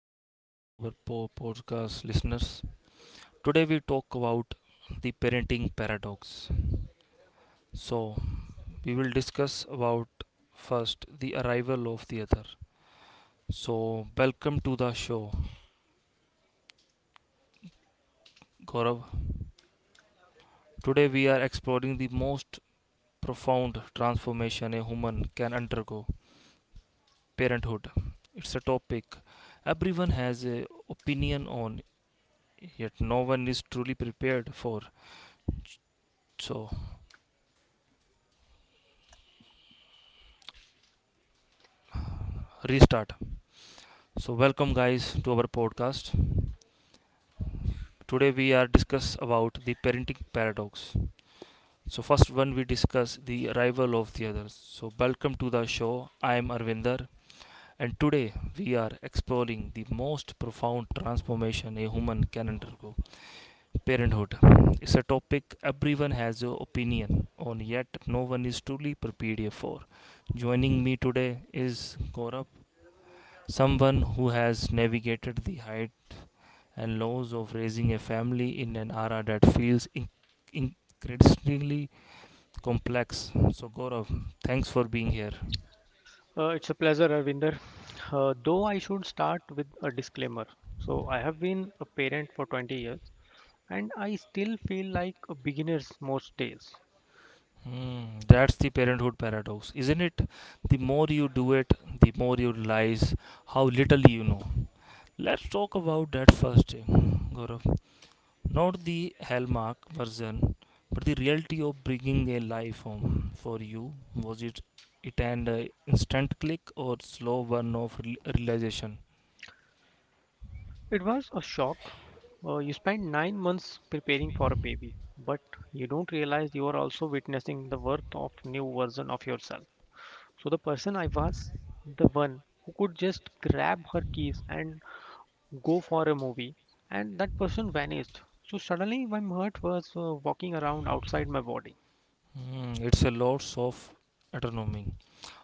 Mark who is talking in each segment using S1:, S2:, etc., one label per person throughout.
S1: welcome back to our podcast listeners. Today we talk about the parenting paradox. So, we will discuss about first the arrival of the other. So, welcome to the show, Gaurav. Today we are exploring the most profound transformation a human can undergo, parenthood. It's a topic everyone has an opinion on, yet no one is truly prepared for. So, restart. So welcome guys to our podcast. Today we are discuss about the parenting paradox. So first one we discuss the rival of the others. So welcome to the show. I am Arvinder and today we are exploring the most profound transformation a human can undergo. Parenthood. It's a topic everyone has an opinion on, yet no one is truly prepared for. Joining me today is Gaurav, someone who has navigated the height and lows of raising a family in an era that feels increasingly complex. So, Gaurav, thanks for being here.
S2: It's a pleasure, Arvinder. Though I should start with a disclaimer. So, I have been a parent for 20 years and I still feel like a beginner most days.
S1: Hmm, that's the parenthood paradox, isn't it? The more you do it, the more you realize how little you know. Let's talk about that first day, Gaurav. Not the hallmark version, but the reality of bringing a life home for you. Was it an instant click or slow burn of realization?
S2: It was a shock. You spend 9 months preparing for a baby, but you don't realize you are also witnessing the birth of new version of yourself. So, the person I was, the one who could just grab her keys and go for a movie and that person vanished so suddenly my heart was walking around outside my body.
S1: Hmm, it's a lots of autonomy.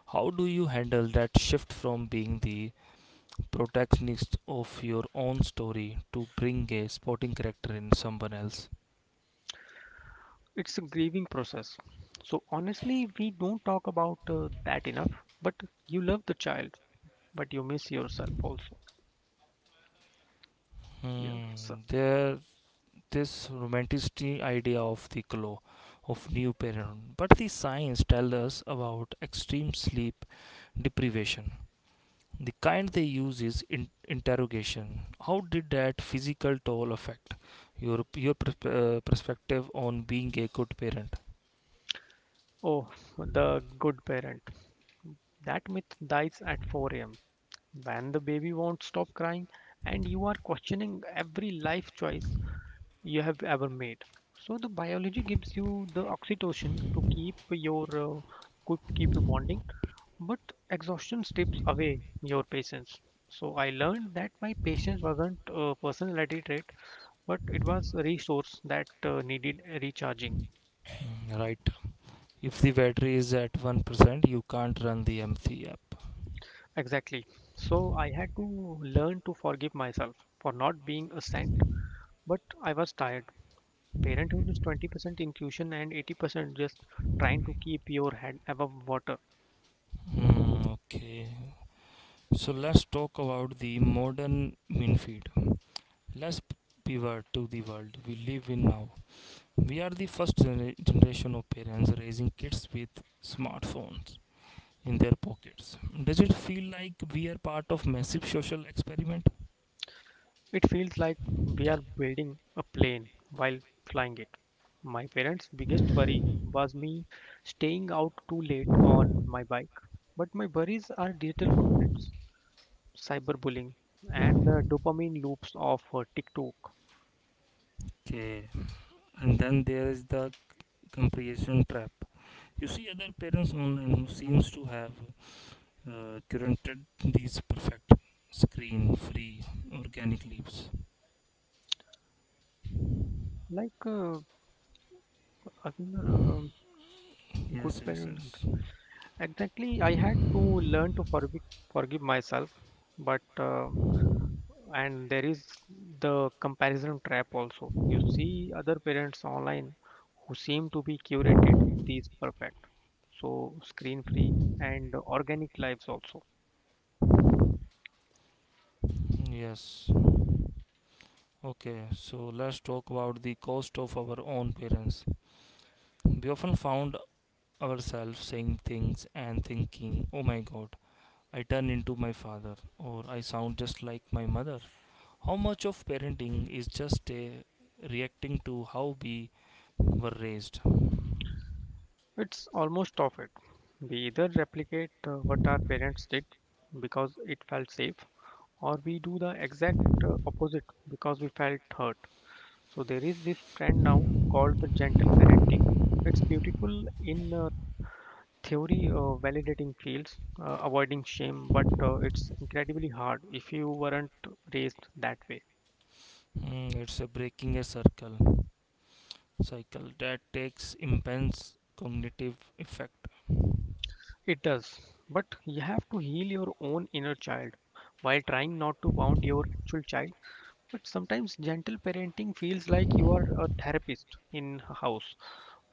S1: How do you handle that shift from being the protagonist of your own story to bring a supporting character in someone else?
S2: It's a grieving process, so honestly we don't talk about that enough, but you love the child, but you miss yourself also.
S1: Hmm,
S2: Yes.
S1: there this romantic idea of the glow of new parenthood, but the science tells us about extreme sleep deprivation. The kind they use is interrogation. How did that physical toll affect your perspective on being a good parent?
S2: Oh, the good parent, that myth dies at 4 a.m. when the baby won't stop crying and you are questioning every life choice you have ever made. So the biology gives you the oxytocin to keep your could keep you bonding, but exhaustion strips away your patience. So I learned that my patience wasn't a personality trait, but it was a resource that needed recharging.
S1: Mm, right. If the battery is at 1%, you can't run the MC app.
S2: Exactly. So I had to learn to forgive myself for not being a saint, but I was tired. Parenthood is 20% intuition and 80% just trying to keep your head above water.
S1: Mm, okay. So let's talk about the modern mean feed. Let's p- pivot to the world we live in now. We are the first generation of parents raising kids with smartphones in their pockets. Does it feel like we are part of massive social experiment?
S2: It feels like we are building a plane while flying it. My parents' biggest worry was me staying out too late on my bike. But my worries are digital footprints, cyberbullying, and the dopamine loops of TikTok.
S1: Okay, and then there is the comparison trap. You see other parents online who seems to have curated these perfect screen-free organic leaves.
S2: Like, uh, Avinder, good
S1: Yes, yes,
S2: parent.
S1: yes.
S2: Exactly, I had to learn to forgive, myself, but and there is the comparison trap also. You see other parents online who seem to be curated these perfect, so screen free and organic lives also.
S1: Yes. Okay, so let's talk about the cost of our own parents. We often found ourselves saying things and thinking, "Oh my God, I turn into my father, or I sound just like my mother." How much of parenting is just a reacting to how we were raised?
S2: It's almost of it, we either replicate what our parents did because it felt safe, or we do the exact opposite because we felt hurt. So there is this trend now called the gentle parenting. It's beautiful in theory, validating fields, avoiding shame, but it's incredibly hard if you weren't raised that way.
S1: Mm, it's a breaking a circle cycle that takes immense cognitive effect.
S2: It does, but you have to heal your own inner child while trying not to wound your actual child. But sometimes gentle parenting feels like you are a therapist in a house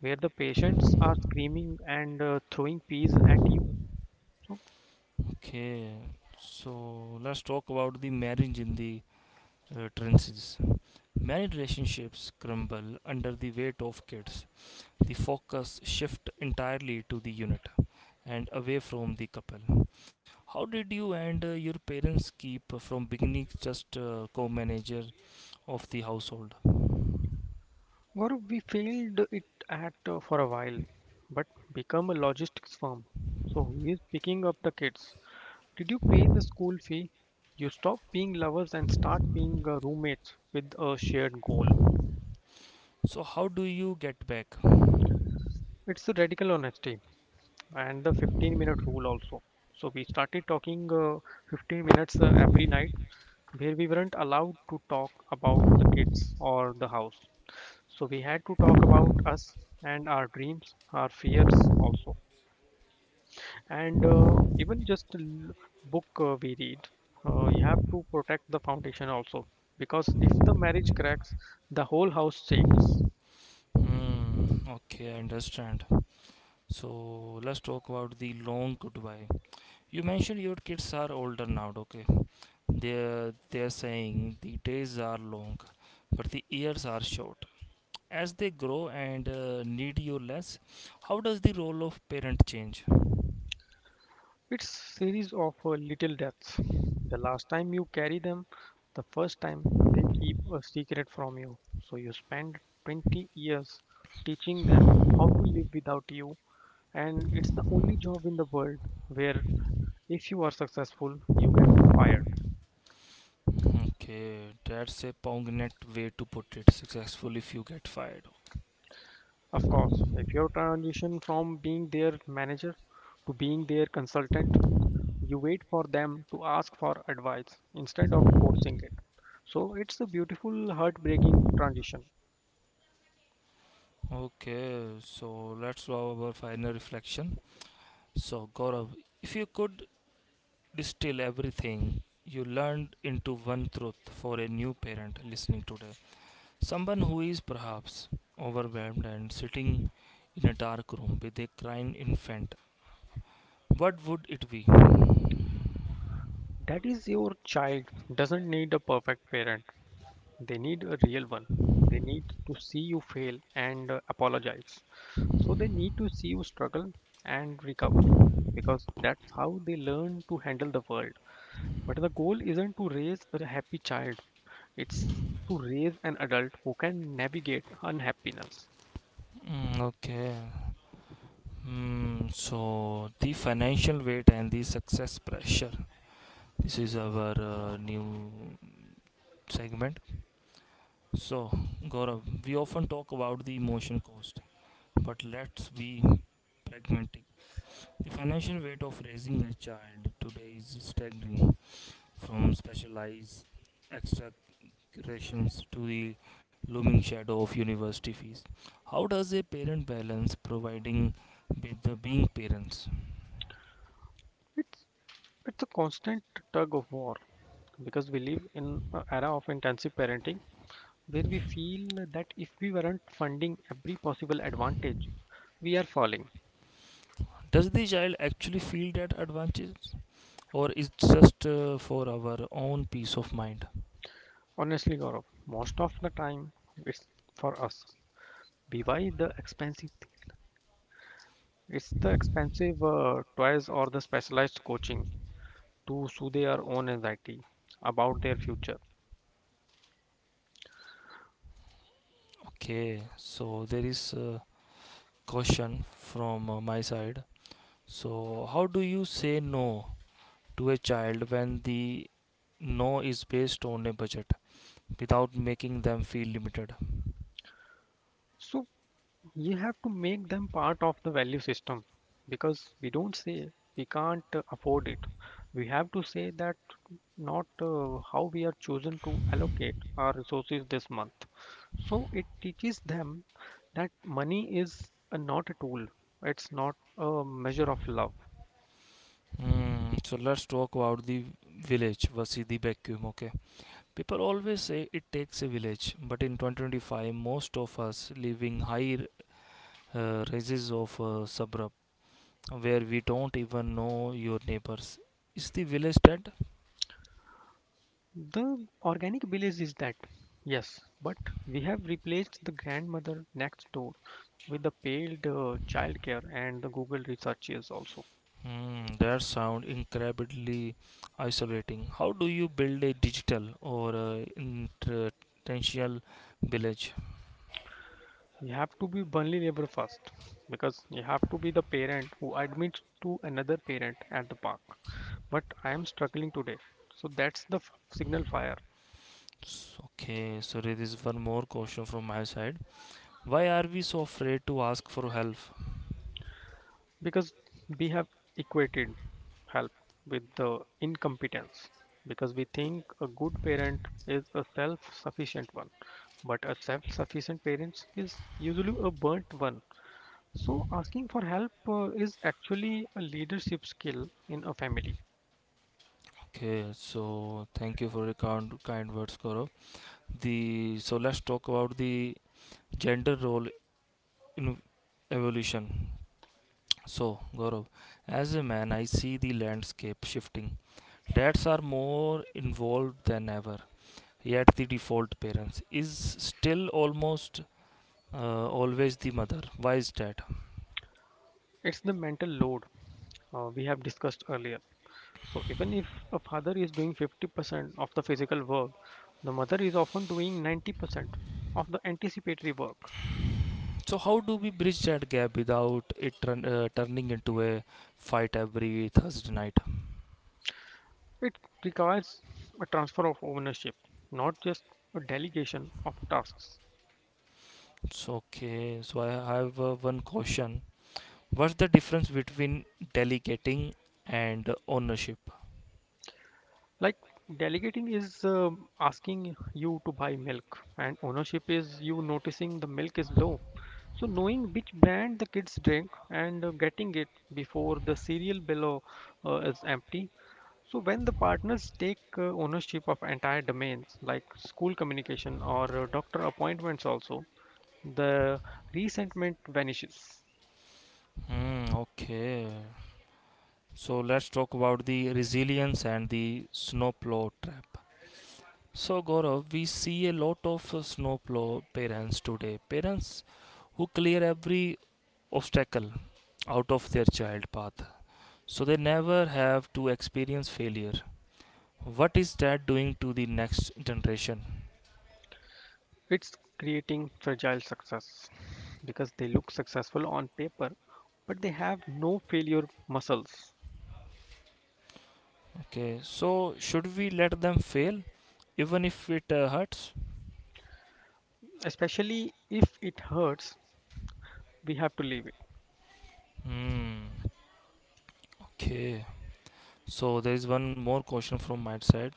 S2: where the patients are screaming and throwing peas at you. So,
S1: Okay, so let's talk about the marriage in the trenches. Many relationships crumble under the weight of kids. The focus shift entirely to the unit and away from the couple. How did you and your parents keep from beginning just co-manager of the household?
S2: Gaurav, we failed it at for a while, but become a logistics firm. So he is picking up the kids. Did you pay the school fee? You stop being lovers and start being roommates with a shared goal.
S1: So how do you get back?
S2: It's the radical honesty and the 15-minute rule also. So we started talking 15 minutes every night where we weren't allowed to talk about the kids or the house. So we had to talk about us and our dreams, our fears also, and even just a book we read. You have to protect the foundation also, because if the marriage cracks, the whole house shakes.
S1: Hmm, okay, I understand. So let's talk about the long goodbye. You mentioned your kids are older now, okay? They're saying the days are long, but the years are short. As they grow and need you less, how does the role of parent change?
S2: It's series of little deaths, the last time you carry them, the first time they keep a secret from you. So you spend 20 years teaching them how to live without you, and it's the only job in the world where if you are successful you get fired.
S1: Okay, that's a poignant way to put it. Successful if you get fired.
S2: Of course, if you transition from being their manager to being their consultant, you wait for them to ask for advice instead of forcing it. So it's a beautiful, heartbreaking transition.
S1: Okay, so let's do our final reflection. So, Gaurav, if you could distill everything you learned into one truth for a new parent listening today, someone who is perhaps overwhelmed and sitting in a dark room with a crying infant, what would it be?
S2: That is, your child doesn't need a perfect parent, they need a real one. They need to see you fail and apologize. So they need to see you struggle and recover, because that's how they learn to handle the world. But the goal isn't to raise a happy child, it's to raise an adult who can navigate unhappiness.
S1: Mm, okay. Hmm, so, the financial weight and the success pressure. This is our new segment. So, Gaurav, we often talk about the emotional cost, but let's be pragmatic. The financial weight of raising a child today is staggering, from specialized extracurriculations to the looming shadow of university fees. How does a parent balance providing with the being parents?
S2: It's, it's a constant tug of war because we live in an era of intensive parenting where we feel that if we weren't funding every possible advantage, we are falling.
S1: Does the child actually feel that advantage, or is just for our own peace of mind?
S2: Honestly, Gaurav, most of the time it's for us. Be why the expensive? Thing. It's the expensive toys or the specialized coaching to soothe our own anxiety about their future.
S1: Okay, so there is a question from my side. So, how do you say no to a child when the no is based on a budget without making them feel limited?
S2: So you have to make them part of the value system, because we don't say we can't afford it. We have to say that not how we are chosen to allocate our resources this month. So it teaches them that money is not a tool, it's not a measure of love.
S1: Hmm, so, let's talk about the village versus the vacuum. Okay, people always say it takes a village, but in 2025, most of us living high rises of suburb where we don't even know your neighbors. Is the village dead?
S2: The organic belief is that, yes, but we have replaced the grandmother next door with the paid childcare and the Google researches also.
S1: Hmm, that sound incredibly isolating. How do you build a digital or intentional village?
S2: You have to be vulnerable first, because you have to be the parent who admits to another parent at the park. But I am struggling today. So that's the signal fire.
S1: Okay, so there is one more question from my side. Why are we so afraid to ask for help?
S2: Because we have equated help with the incompetence, because we think a good parent is a self sufficient one, but a self sufficient parent is usually a burnt one. So, asking for help is actually a leadership skill in a family.
S1: Okay, so thank you for your kind, kind words, Gaurav. The so let's talk about the gender role in evolution. So, Gaurav, as a man, I see the landscape shifting. Dads are more involved than ever, yet the default parents is still almost always the mother. Why is that?
S2: It's the mental load we have discussed earlier. So, even if a father is doing 50% of the physical work, the mother is often doing 90% of the anticipatory work.
S1: So how do we bridge that gap without it turning into a fight every Thursday night?
S2: It requires a transfer of ownership, not just a delegation of tasks.
S1: So okay, so I have one question. What's the difference between delegating and ownership?
S2: Like, delegating is asking you to buy milk, and ownership is you noticing the milk is low. So knowing which brand the kids drink and getting it before the cereal below is empty. So when the partners take ownership of entire domains like school communication or doctor appointments also, the resentment vanishes.
S1: Hmm, okay, so let's talk about the resilience and the snowplow trap. So Gaurav, we see a lot of snowplow parents today. Parents who clear every obstacle out of their child path so they never have to experience failure. What is that doing to the next generation?
S2: It's creating fragile success because they look successful on paper, but they have no failure muscles.
S1: Okay, so should we let them fail even if it hurts?
S2: Especially if it hurts, we have to leave it.
S1: Hmm, okay. So there is one more question from my side.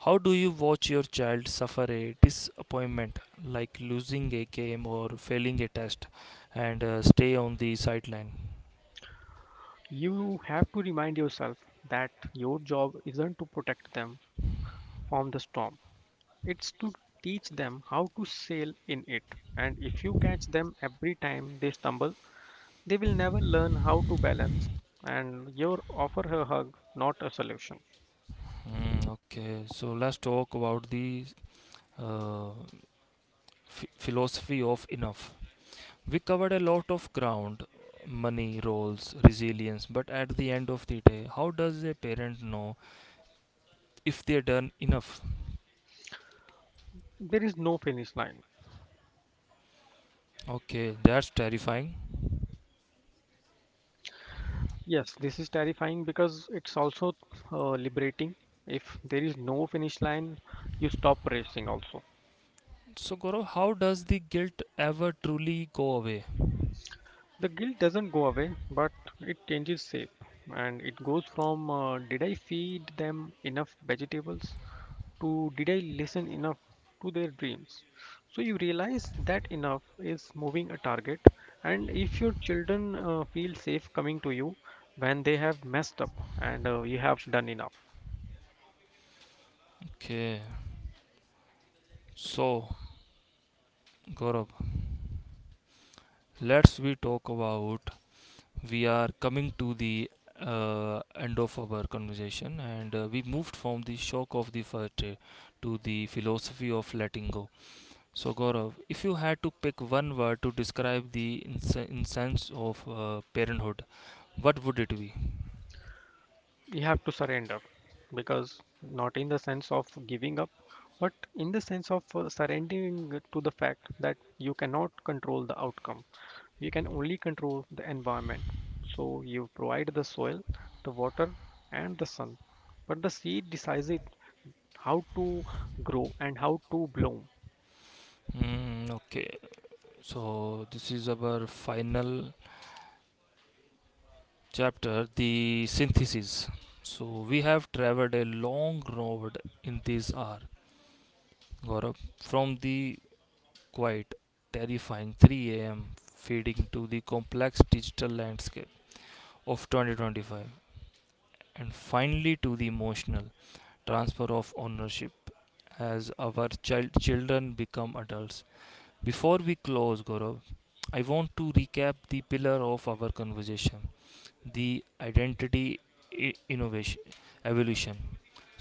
S1: How do you watch your child suffer a disappointment like losing a game or failing a test and stay on the sideline?
S2: You have to remind yourself that your job isn't to protect them from the storm, it's to teach them how to sail in it. And if you catch them every time they stumble, they will never learn how to balance. And your offer a hug, not a solution.
S1: Mm, okay, so let's talk about the uh, ph philosophy of enough. We covered a lot of ground: money, roles, resilience, but at the end of the day, how does a parent know if they done enough?
S2: There is no finish line.
S1: Okay, that's terrifying.
S2: Yes, this is terrifying because it's also liberating. If there is no finish line, you stop racing also.
S1: So, Gaurav, how does the guilt ever truly go away?
S2: The guilt doesn't go away, but it changes shape. And it goes from did I feed them enough vegetables to did I listen enough to their dreams. So you realize that enough is moving a target. And if your children feel safe coming to you when they have messed up and you have done enough.
S1: Okay, so Gaurav, let's we talk about we are coming to the end of our conversation, and we moved from the shock of the first day to the philosophy of letting go. So, Gaurav, if you had to pick one word to describe the incense of parenthood, what would it be?
S2: You have to surrender, because not in the sense of giving up but in the sense of surrendering to the fact that you cannot control the outcome. You can only control the environment, so you provide the soil, the water, and the sun, but the seed decides it how to grow and how to bloom.
S1: Mm, okay, so this is our final chapter, the synthesis. So, we have traveled a long road in this hour, Gaurav, from the quite terrifying 3 a.m. feeding to the complex digital landscape of 2025, and finally to the emotional transfer of ownership as our children become adults. Before we close, Gaurav, I want to recap the pillar of our conversation: the identity, innovation, evolution.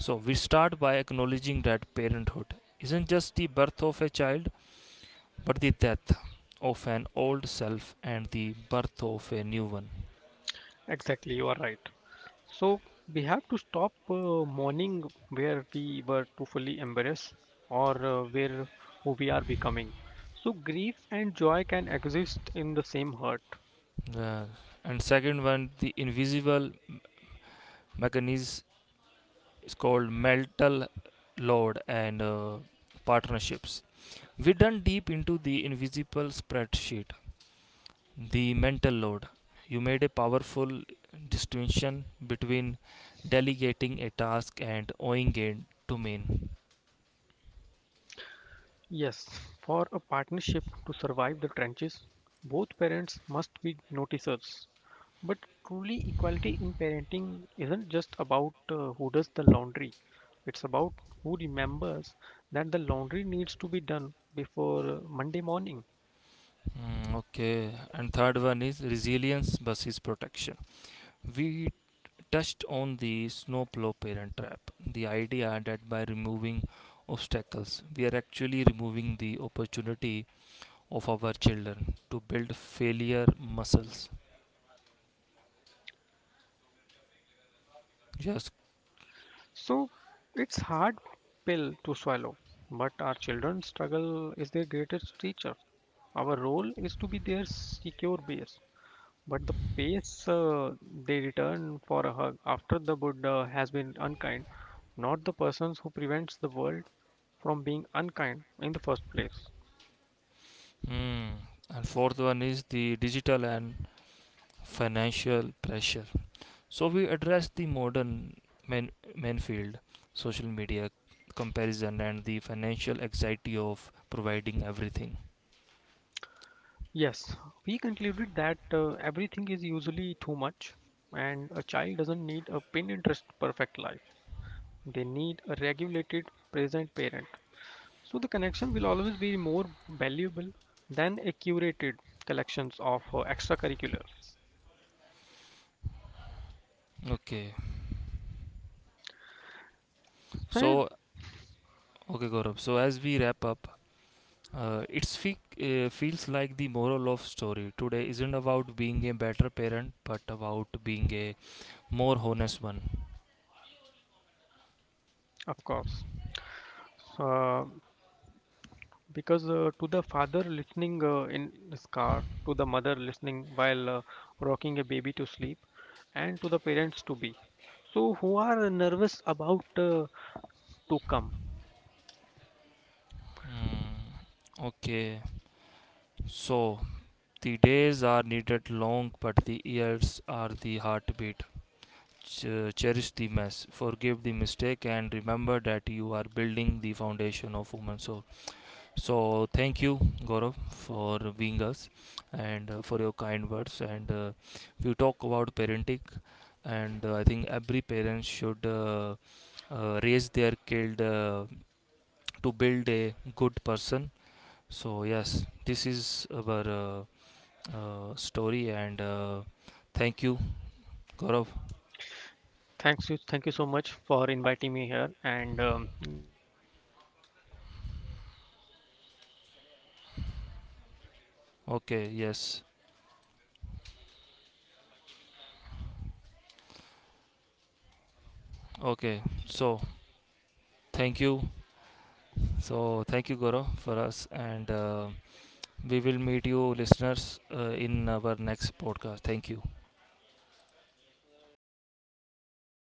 S1: So we start by acknowledging that parenthood isn't just the birth of a child, but the death of an old self and the birth of a new one.
S2: Exactly, you are right. So we have to stop mourning where we were too fully embarrassed or where who we are becoming. So grief and joy can exist in the same heart.
S1: Uh, and second one, the invisible mechanism is called mental load and partnerships. We done deep into the invisible spreadsheet, the mental load. You made a powerful distinction between delegating a task and owing it to mean.
S2: Yes, for a partnership to survive the trenches, both parents must be noticers. But truly, equality in parenting isn't just about who does the laundry. It's about who remembers that the laundry needs to be done before Monday morning.
S1: Mm, okay, and third one is resilience versus protection. We touched on the snowplow parent trap, the idea that by removing obstacles, we are actually removing the opportunity of our children to build failure muscles. Just
S2: So it's hard pill to swallow, but our children's struggle is their greatest teacher. Our role is to be their secure base, but the pace they return for a hug after the Buddha has been unkind, not the persons who prevents the world from being unkind in the first place.
S1: mm. And fourth one is the digital and financial pressure. So we address the modern main, main field, social media comparison and the financial anxiety of providing everything.
S2: Yes, we concluded that everything is usually too much, and a child doesn't need a pin interest perfect life. They need a regulated, present parent. So the connection will always be more valuable than a curated collections of extracurriculars.
S1: Okay.
S2: Fair,
S1: So okay Gaurav. So as we wrap up, it's feels like the moral of story today isn't about being a better parent, but about being a more honest one.
S2: of course. So, because To the father listening in his car, to the mother listening while rocking a baby to sleep, and to the parents to be, so who are nervous about to come.
S1: Hmm, okay, so the days are needed long, but the years are the heartbeat. Cherish the mess, forgive the mistake, and remember that you are building the foundation of woman's soul. So thank you, Gaurav, for being us and for your kind words. And we talk about parenting, and I think every parent should raise their kid to build a good person. So yes, this is our story, and thank you, Gaurav.
S2: Thanks you, thank you so much for inviting me here and.
S1: Okay, yes, okay. Thank you, so thank you, Gaurav, for us. And uh, we will meet you, listeners, in our next podcast. Thank you.